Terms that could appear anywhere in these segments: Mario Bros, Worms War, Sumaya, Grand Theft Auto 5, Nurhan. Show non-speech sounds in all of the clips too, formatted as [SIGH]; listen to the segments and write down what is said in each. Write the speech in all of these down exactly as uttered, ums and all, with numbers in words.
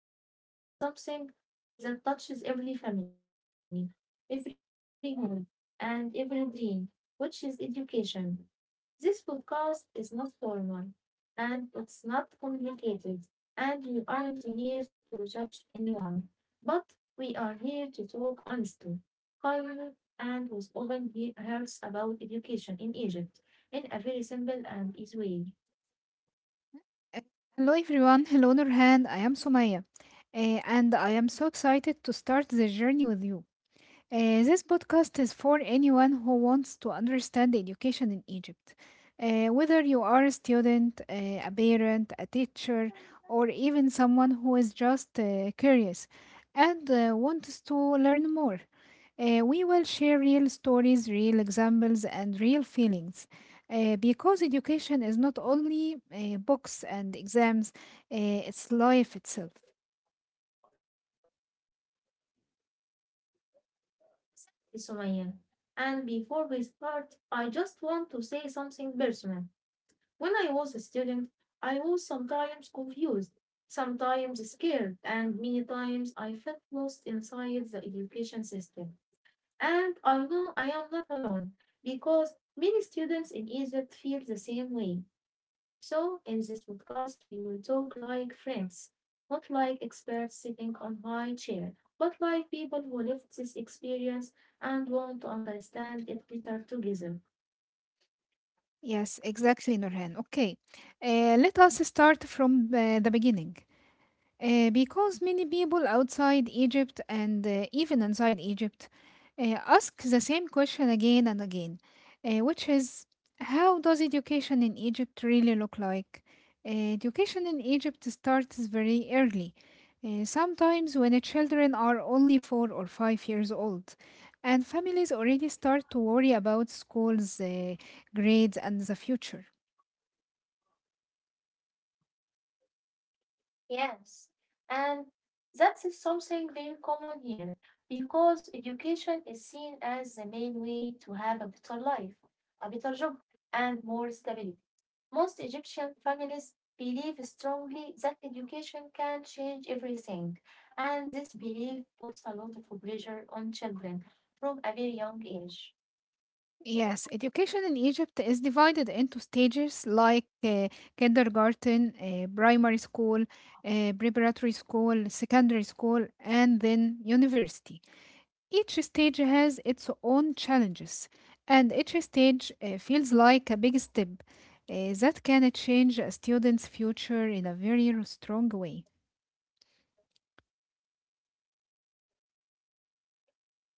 because we will talk about something very important, something that touches every family, every home, and every dream, which is education. This podcast is not formal and it's not complicated, and we aren't here to judge anyone, but we are here to talk honestly kindly and was often he- hears about education in Egypt in a very simple and easy way. Uh, Hello everyone, hello Nurhan, I am Sumaya, uh, and I am so excited to start this journey with you. Uh, this podcast is for anyone who wants to understand education in Egypt. Uh, whether you are a student, uh, a parent, a teacher, or even someone who is just uh, curious and uh, wants to learn more. Uh, we will share real stories, real examples, and real feelings. Uh, because education is not only uh, books and exams, uh, it's life itself. Yes, Sumaya. And before we start, I just want to say something personal. When I was a student, I was sometimes confused, sometimes scared, and many times I felt lost inside the education system. And I know I am not alone because many students in Egypt feel the same way. So, in this podcast, we will talk like friends, not like experts sitting on high chair, but like people who lived this experience and want to understand it better together. Yes, exactly, Nurhan. Okay, uh, let us start from uh, the beginning. Uh, because many people outside Egypt and uh, even inside Egypt uh, ask the same question again and again, uh, which is, how does education in Egypt really look like? Uh, education in Egypt starts very early, uh, sometimes when the children are only four or five years old, and families already start to worry about schools, uh, grades, and the future. Yes, and that is something very common here because education is seen as the main way to have a better life, a better job, and more stability. Most Egyptian families believe strongly that education can change everything, and this belief puts a lot of pressure on children from a very young age. Yes, education in Egypt is divided into stages like uh, kindergarten, uh, primary school, uh, preparatory school, secondary school, and then university. Each stage has its own challenges, and each stage uh, feels like a big step uh, that can change a student's future in a very strong way.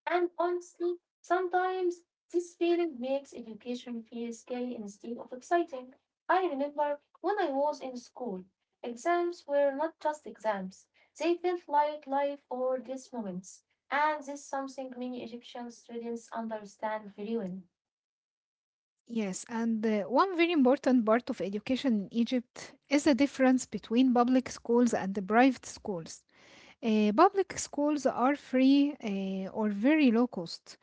And honestly, sometimes this feeling makes education feel scary instead of exciting. I remember when I was in school, exams were not just exams, they felt like life or death moments. And this is something many Egyptian students understand very well. Yes, and uh, one very important part of education in Egypt is the difference between public schools and the private schools. Uh, public schools are free uh, or very low cost,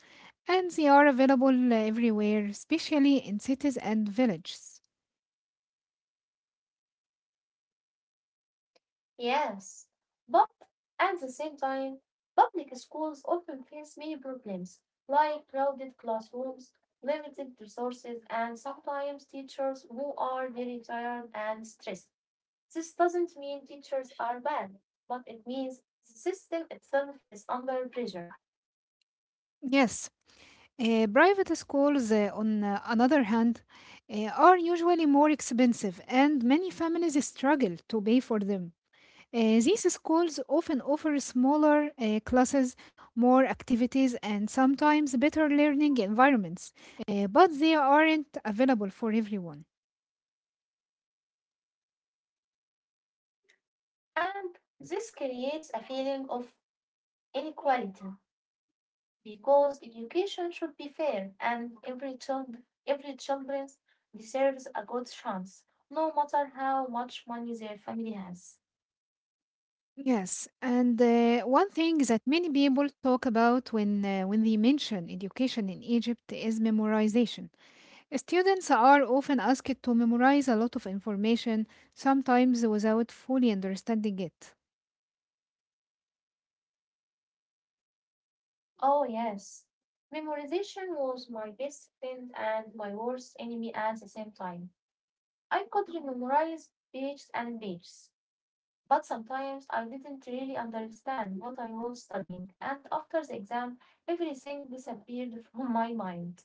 and they are available everywhere, especially in cities and villages. Yes, but at the same time, public schools often face many problems like crowded classrooms, limited resources, and sometimes teachers who are very tired and stressed. This doesn't mean teachers are bad, but it means the system itself is under pressure, Yes, uh, private schools, uh, on uh, another hand, uh, are usually more expensive, and many families struggle to pay for them. Uh, these schools often offer smaller uh, classes, more activities, and sometimes better learning environments, uh, but they aren't available for everyone. and this creates a feeling of inequality. Because education should be fair and every child every children deserves a good chance no matter how much money their family has. Yes, and uh, one thing that many people talk about when, uh, when they mention education in Egypt is memorization. Students are often asked to memorize a lot of information, sometimes without fully understanding it. Oh yes, memorization was my best friend and my worst enemy at the same time. I could memorize pages and pages, but sometimes I didn't really understand what I was studying, and after the exam everything disappeared [LAUGHS] from my mind.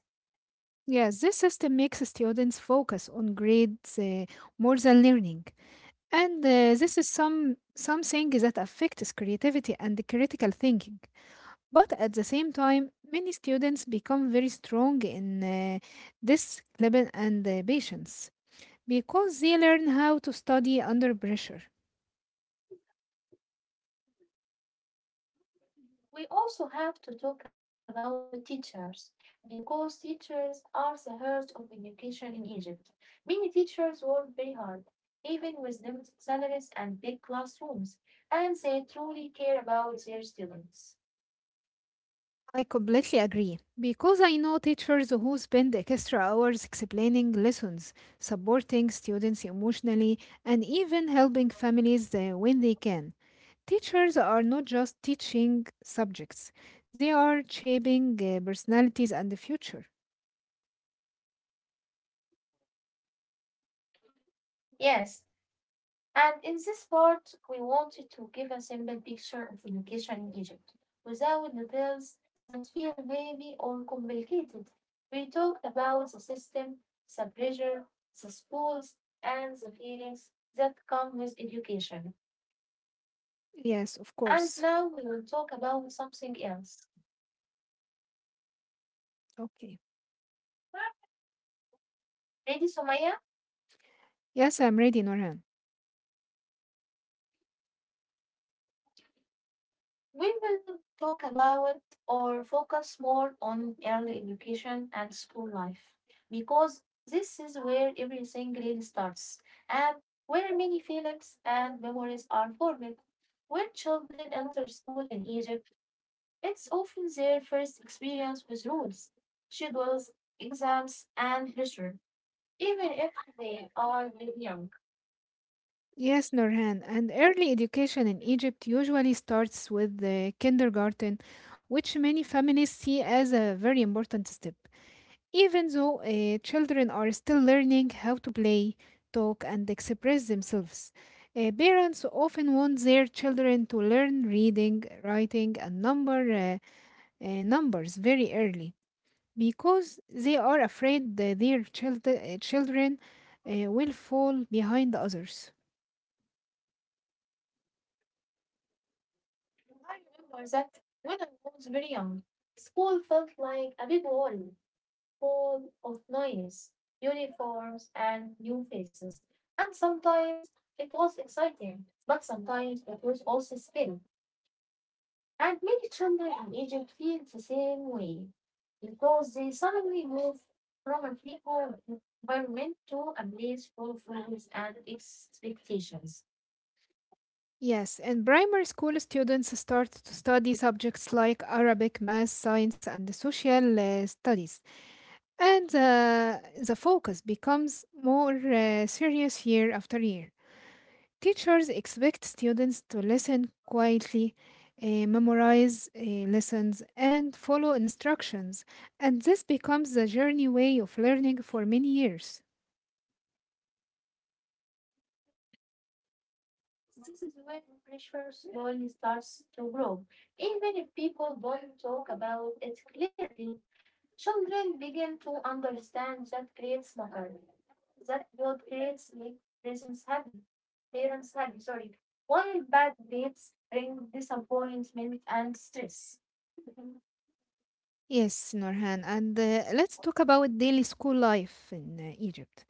Yes, this system makes students focus on grades uh, more than learning. And uh, this is some something that affects creativity and critical thinking. But at the same time, many students become very strong in uh, discipline and uh, patience because they learn how to study under pressure. We also have to talk about teachers because teachers are the heart of education in Egypt. Many teachers work very hard, even with limited salaries and big classrooms, and they truly care about their students. I completely agree because I know teachers who spend extra hours explaining lessons, supporting students emotionally, and even helping families uh, when they can. Teachers are not just teaching subjects, they are shaping uh, personalities and the future. Yes, and in this part, we wanted to give a simple picture of education in Egypt without details that feel heavy or complicated. We talked about the system, the pressure, the schools, and the feelings that come with education. Yes, of And now course. we will talk about something else. Okay. Ready, Sumaya? Yes, I'm ready, Norhan. We will talk about or focus more on early education and school life because this is where everything really starts and where many feelings and memories are formed. When children enter school in Egypt, it's often their first experience with rules, schedules, exams, and pressure, even if they are very young. Yes, Norhan. And early education in Egypt usually starts with the kindergarten, which many families see as a very important step. Even though uh, children are still learning how to play, talk, and express themselves, uh, parents often want their children to learn reading, writing, and number uh, uh, numbers very early because they are afraid that their child- uh, children uh, will fall behind others. I remember that when I was very young, school felt like a big wall full of noise, uniforms, and new faces. And sometimes it was exciting, but sometimes it was also scary. And many children in Egypt feel the same way because they suddenly move from a free environment to a place full of rules and expectations. Yes, in primary school, students start to study subjects like Arabic, math, science, and social uh, studies. And uh, the focus becomes more uh, serious year after year. Teachers expect students to listen quietly, uh, memorize uh, lessons, and follow instructions. And this becomes the journey way of learning for many years. This is when pressure slowly starts to grow, even if people don't talk about it clearly. Children begin to understand that creates matter. That guilt creates make parents happy. Parents happy, sorry. While bad dates bring disappointment and stress. Yes, Norhan, and uh, let's talk about daily school life in uh, Egypt.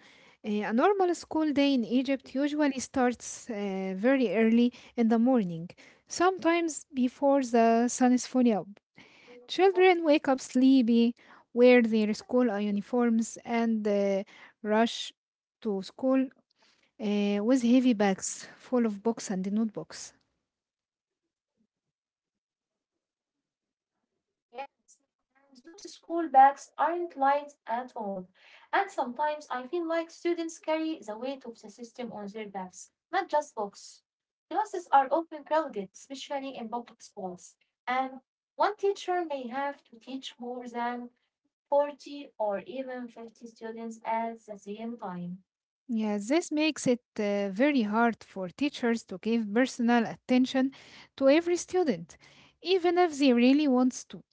Uh, a normal school day in Egypt usually starts uh, very early in the morning, sometimes before the sun is fully up. Children wake up sleepy, wear their school uh, uniforms, and uh, rush to school uh, with heavy bags full of books and notebooks. Yes, and those school bags aren't light at all. And sometimes I feel like students carry the weight of the system on their backs, not just books. Classes are often crowded, especially in public schools, and one teacher may have to teach more than forty or even fifty students at the same time. Yeah, this makes it uh, very hard for teachers to give personal attention to every student, even if they really wants to.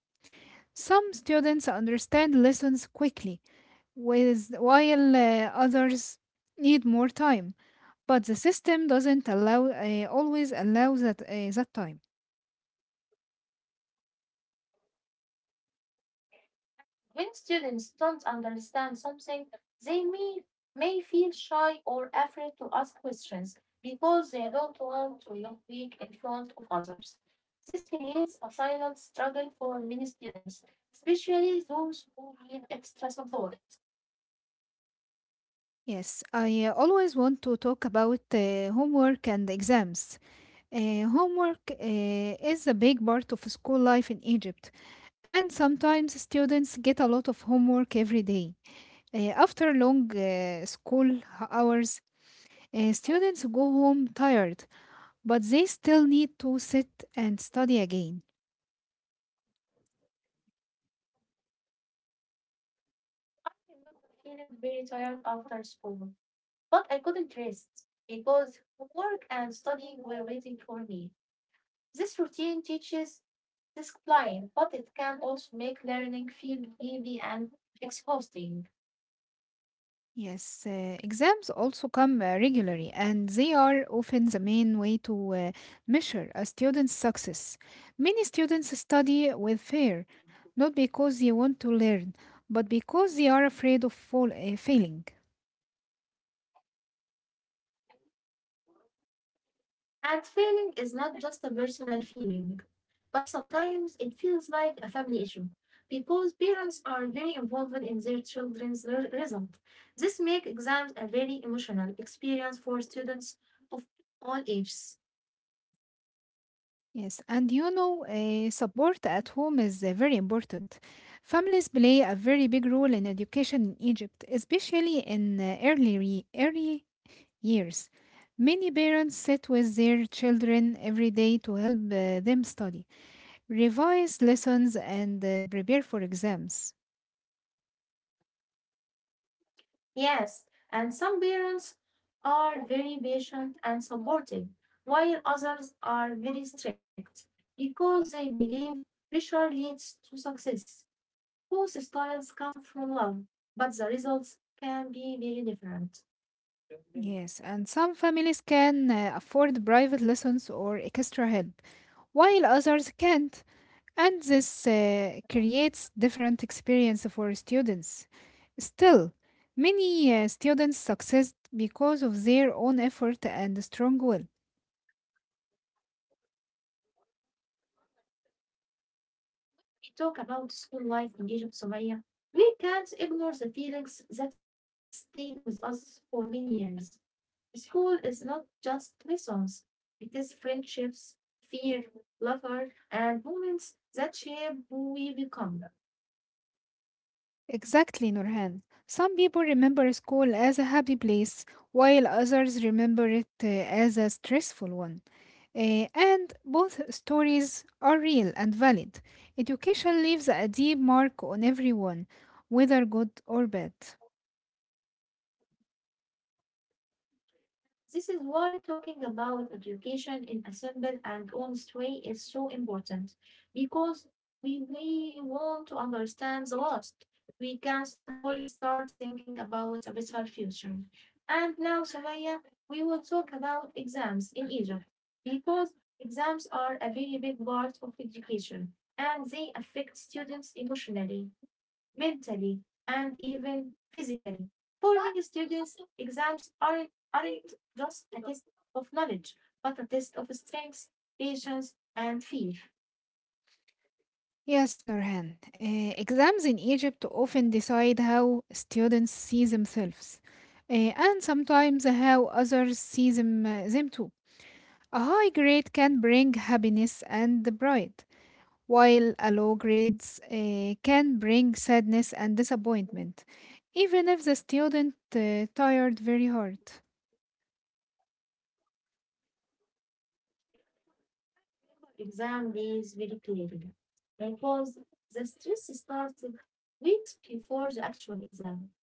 Some students understand lessons quickly, with, while uh, others need more time, but the system doesn't allow uh, always allow that uh, that time. When students don't understand something, they may, may feel shy or afraid to ask questions because they don't want to look weak in front of others. This creates a silent struggle for many students, especially those who need extra support. Yes, I uh, always want to talk about uh, homework. And And sometimes students get a lot of homework every day. Uh, after long uh, school h- hours, uh, students go home tired, but they still need to sit and study again. I remember feeling very tired after school, but I couldn't rest because work and studying were waiting for me. This routine teaches discipline, but it can also make learning feel heavy and exhausting. Yes, uh, exams also come uh, regularly, and they are often the main way to uh, measure a student's success. Many students study with fear, not because they want to learn, but because they are afraid of fall, uh, failing. And failing is not just a personal feeling, but sometimes it feels like a family issue because parents are very involved in their children's re- result. This makes exams a very emotional experience for students of all ages. Yes, and you know, uh, support at home is uh, very important. Families play a very big role in education in Egypt, especially in uh, early, re- early years. Many parents sit with their children every day to help uh, them study, revise lessons, and uh, prepare for exams. Yes, and some parents are very patient and supportive, while others are very strict because they believe pressure leads to success. Both styles come from love, but the results can be very different. Yes, and some families can uh, afford private lessons or extra help, while others can't. And this uh, creates different experience for students. Still, many uh, students succeed because of their own effort and strong will. Talk about school life in Egypt, Somalia, we can't ignore the feelings that stay with us for many years. School is not just lessons, it is friendships, fear, laughter, and moments that shape who we become. Exactly, Nurhan. Some people remember school as a happy place, while others remember it uh, as a stressful one. Uh, and both stories are real and valid. Education leaves a deep mark on everyone, whether good or bad. This is why talking about education in a simple and honest way is so important because we, we want to understand the past. We can slowly start thinking about a better future. And now, Sumaya, we will talk about exams in Egypt because exams are a very big part of education and they affect students emotionally, mentally, and even physically. For many students, exams aren't, aren't just a test of knowledge, but a test of strength, patience, and fear. Yes, Nurhan. Uh, exams in Egypt often decide how students see themselves, uh, and sometimes how others see them, uh, them too. A high grade can bring happiness and pride, while a low grade uh, can bring sadness and disappointment, even if the student uh, tired very hard. Remember exam days very clearly because the stress starts weeks before the actual exam.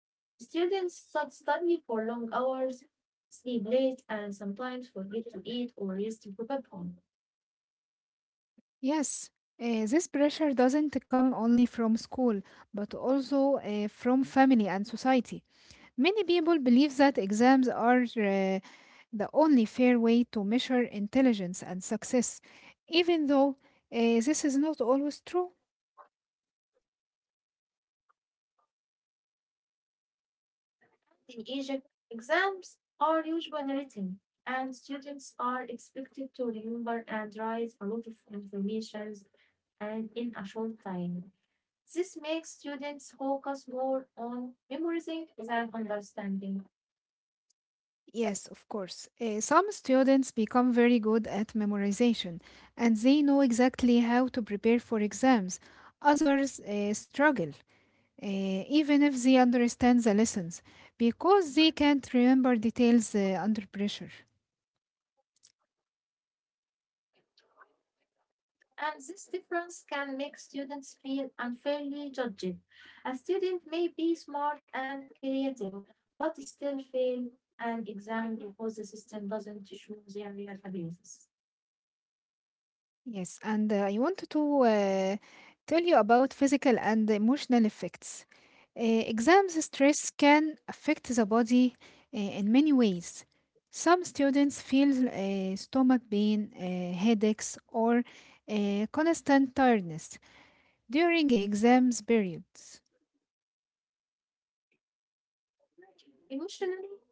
Students stud- study for long hours, sleep late, and sometimes forget to eat or rest to prepare home. Yes, uh, this pressure doesn't come only from school, but also uh, from family and society. Many people believe that exams are uh, the only fair way to measure intelligence and success, even though uh, this is not always true. In Egypt, exams are usually written, and students are expected to remember and write a lot of information and in a short time. This makes students focus more on memorizing than understanding. Yes, of course. Uh, some students become very good at memorization and they know exactly how to prepare for exams. Others uh, struggle, uh, even if they understand the lessons, because they can't remember details uh, under pressure. And this difference can make students feel unfairly judged. A student may be smart and creative, but still fail an exam because the system doesn't show their real abilities. Yes, and uh, I wanted to uh, tell you about physical and emotional effects. Uh, exams stress can affect the body uh, in many ways. Some students feel uh, stomach pain, uh, headaches, or uh, constant tiredness during exams periods. Emotionally,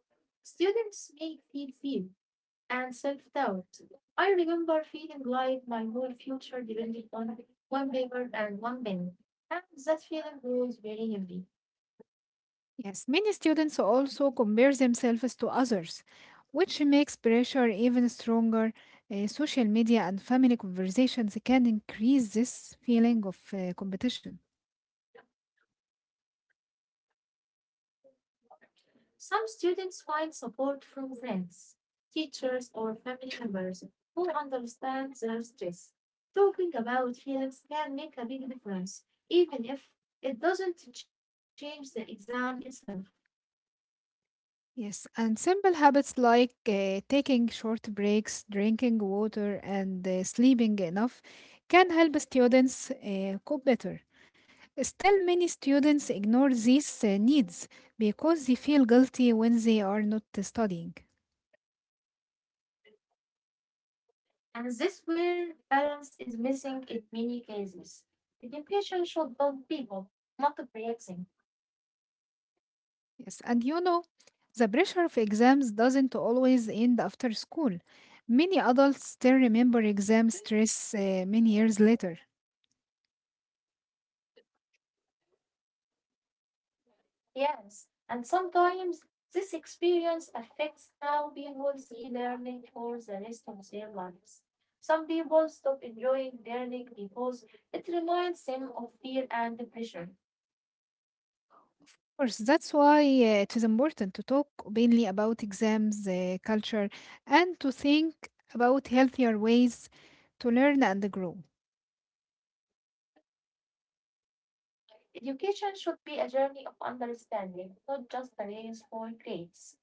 students may feel fear and self doubt. I remember feeling like my whole future depended on one paper and one pen, and that feeling was very heavy. Yes, many students also compare themselves to others, which makes pressure even stronger. Uh, social media and family conversations can increase this feeling of uh, competition. Some students find support from friends, teachers, or family members who understand their stress. Talking about feelings can make a big difference, even if it doesn't change the exam itself. Yes, and simple habits like uh, taking short breaks, drinking water, and uh, sleeping enough can help students uh, cope better. Still, many students ignore these uh, needs because they feel guilty when they are not studying. And this where balance is missing in many cases. Education should build people, not break them. Yes, and you know, the pressure of exams doesn't always end after school. Many adults still remember exam stress uh, many years later. Of Yes, and sometimes this experience affects how people see learning for the rest of their lives. Some people stop enjoying learning because it reminds them of fear and pressure. course, that's why uh, it is important to talk openly about exams uh, culture and to think about healthier ways to learn and grow. Education should be a journey of understanding, not just a race for grades.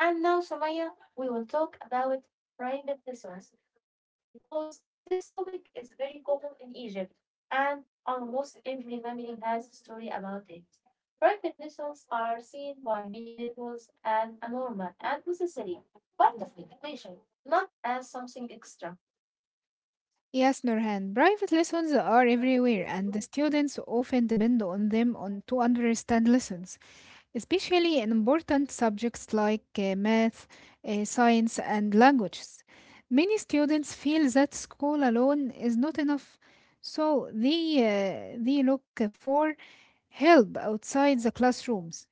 And now, Samaya, we will talk about private lessons because this topic is very common in Egypt and almost every family has a story about it. Private lessons are seen by many people as a normal and necessary part of education, not as something extra. Yes, Nurhan, private lessons are everywhere, and the students often depend on them on to understand lessons. Especially in important subjects like uh, math, uh, science, and languages. Many students feel that school alone is not enough, so they, uh, they look for help outside the classrooms.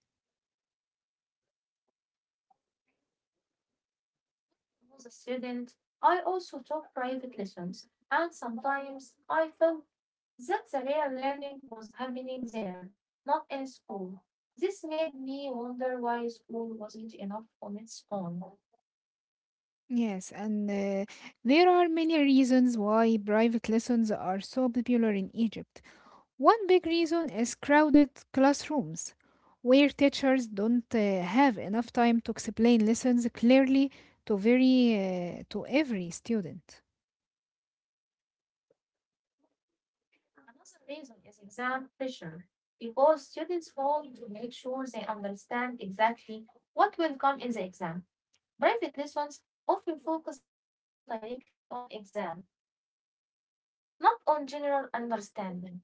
Was a student, I also took private lessons, and sometimes I felt that the real learning was happening there, not in school. This made me wonder why school wasn't enough on its own. Yes, and uh, there are many reasons why private lessons are so popular in Egypt. One big reason is crowded classrooms, where teachers don't uh, have enough time to explain lessons clearly to very uh, to every student. Another reason is exam pressure, because students want to make sure they understand exactly what will come in the exam. Private lessons often focus directly on exam, not on general understanding.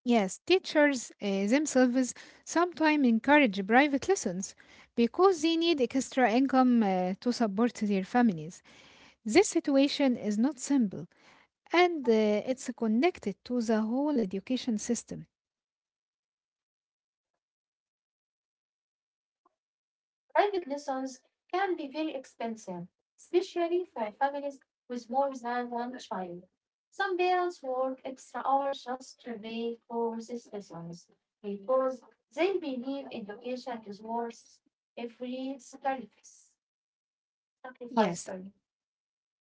Yes, teachers uh, themselves sometimes encourage private lessons because they need extra income uh, to support their families. This situation is not simple and uh, it's connected to the whole education system. Private lessons can be very expensive, especially for families with more than one child. Some parents work extra hours just to pay for these lessons because they believe education is worth every sacrifice. Sacrifice Yes, sorry.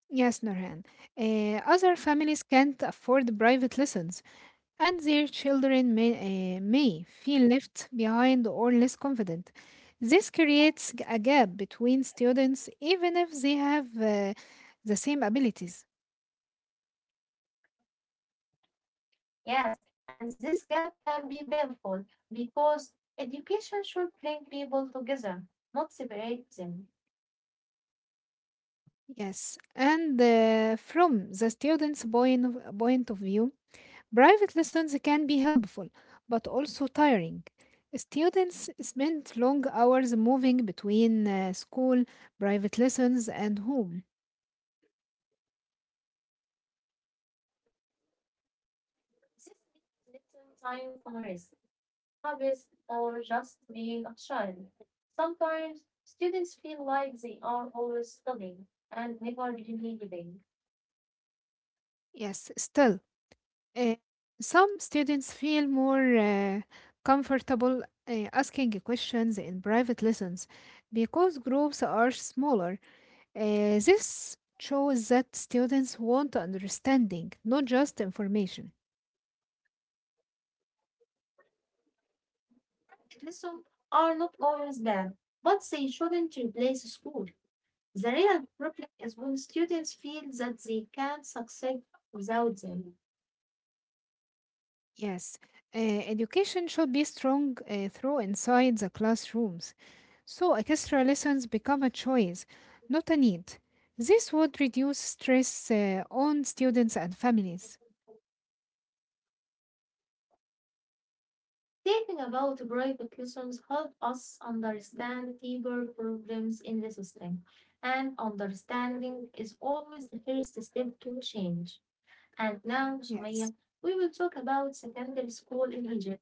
Yes, Nurhan. Uh, other families can't afford private lessons, and their children may, uh, may feel left behind or less confident. This creates g- a gap between students, even if they have uh, the same abilities. Yes, and this gap can be painful because education should bring people together, not separate them. Yes, and uh, from the student's point of, point of view, private lessons can be helpful, but also tiring. Students spend long hours moving between uh, school, private lessons, and home. This means little time for rest, hobbies, or just being a child. Sometimes students feel like they are always studying and never really living. Yes, still, uh, some students feel more uh, comfortable uh, asking questions in private lessons because groups are smaller. Uh, this shows that students want understanding, not just information. Lessons are not always bad, but they shouldn't replace school. The real problem is when students feel that they can't succeed without them. Yes, uh, education should be strong uh, through inside the classrooms. So extra lessons become a choice, not a need. This would reduce stress uh, on students and families. Thinking about brave lessons help us understand deeper problems in the system, and understanding is always the first step to change. And now, Sumaya, Yes. we will talk about secondary school in Egypt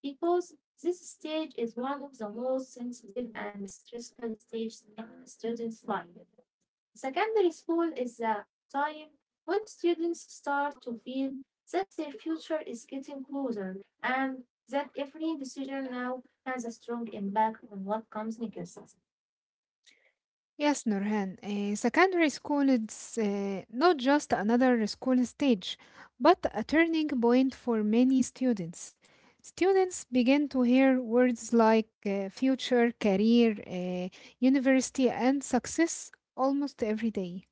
because this stage is one of the most sensitive and stressful stages in a student's life. Secondary school is the time when students start to feel that their future is getting closer and that every decision now has a strong impact on what comes next. Yes, Nurhan, uh, secondary school is uh, not just another school stage, but a turning point for many students. Students begin to hear words like uh, future, career, uh, university, and success almost every day.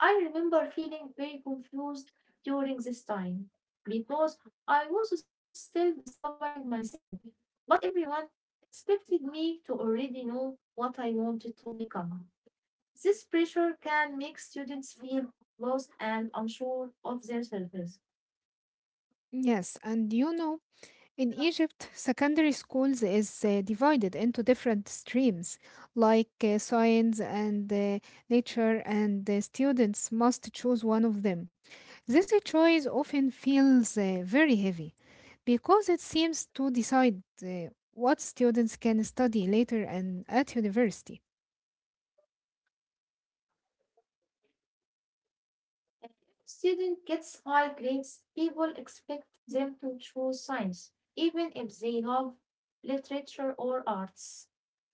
I remember feeling very confused during this time because I was still discovering myself, but everyone expected me to already know what I wanted to become. This pressure can make students feel lost and unsure of themselves. Yes, and you know, in Egypt, secondary schools is uh, divided into different streams like uh, science and uh, nature, and the students must choose one of them. This choice often feels uh, very heavy because it seems to decide uh, what students can study later and at university. Student gets high grades, people expect them to choose science, even if they love literature or arts.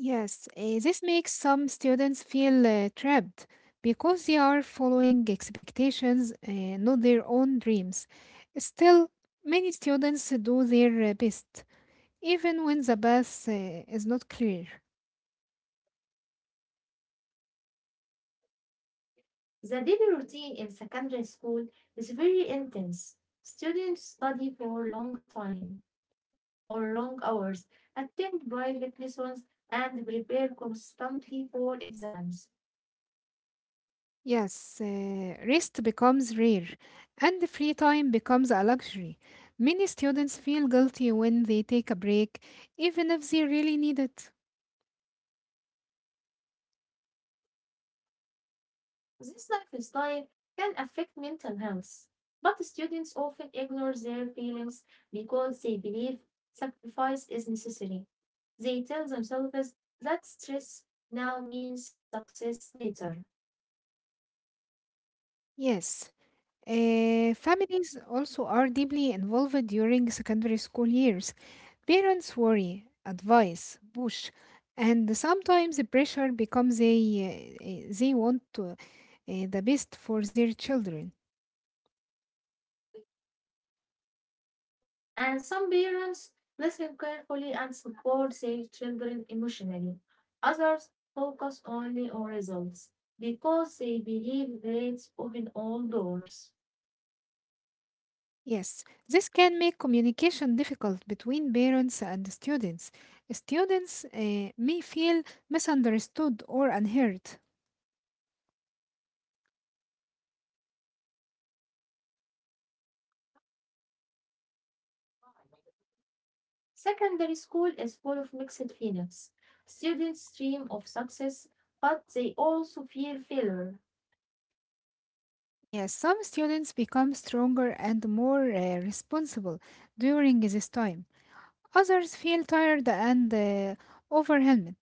Yes, uh, this makes some students feel uh, trapped because they are following expectations, uh, not their own dreams. Still, many students do their uh, best, even when the path uh, is not clear. The daily routine in secondary school is very intense. Students study for long time or long hours, attend private lessons, and prepare constantly for exams. Yes, uh, rest becomes rare and free time becomes a luxury. Many students feel guilty when they take a break, even if they really need it. This lifestyle can affect mental health, but students often ignore their feelings because they believe sacrifice is necessary. They tell themselves that stress now means success later. Yes, uh, families also are deeply involved during secondary school years. Parents worry, advise, push, and sometimes the pressure becomes a, uh, uh, they want to, uh, the best for their children. And some parents listen carefully and support their children emotionally. Others focus only on results because they believe grades open all doors. Yes, this can make communication difficult between parents and students. Students uh, may feel misunderstood or unheard. Secondary school is full of mixed feelings. Students dream of success, but they also fear failure. Yes, some students become stronger and more uh, responsible during this time. Others feel tired and uh, overwhelmed,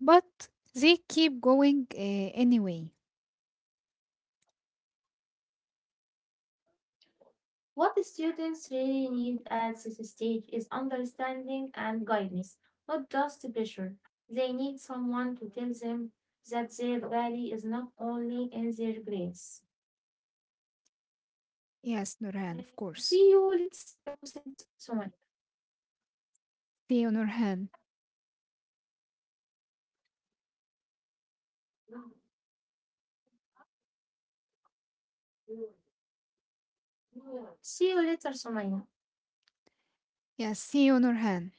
but they keep going uh, anyway. What the students really need at this stage is understanding and guidance, not just pressure. They need someone to tell them that their value is not only in their grades. Yes, Nurhan, Uh, of course. See you, later, us Sumaya. See you, Nurhan. See you later, Sumaya. Yes, see you, Nurhan.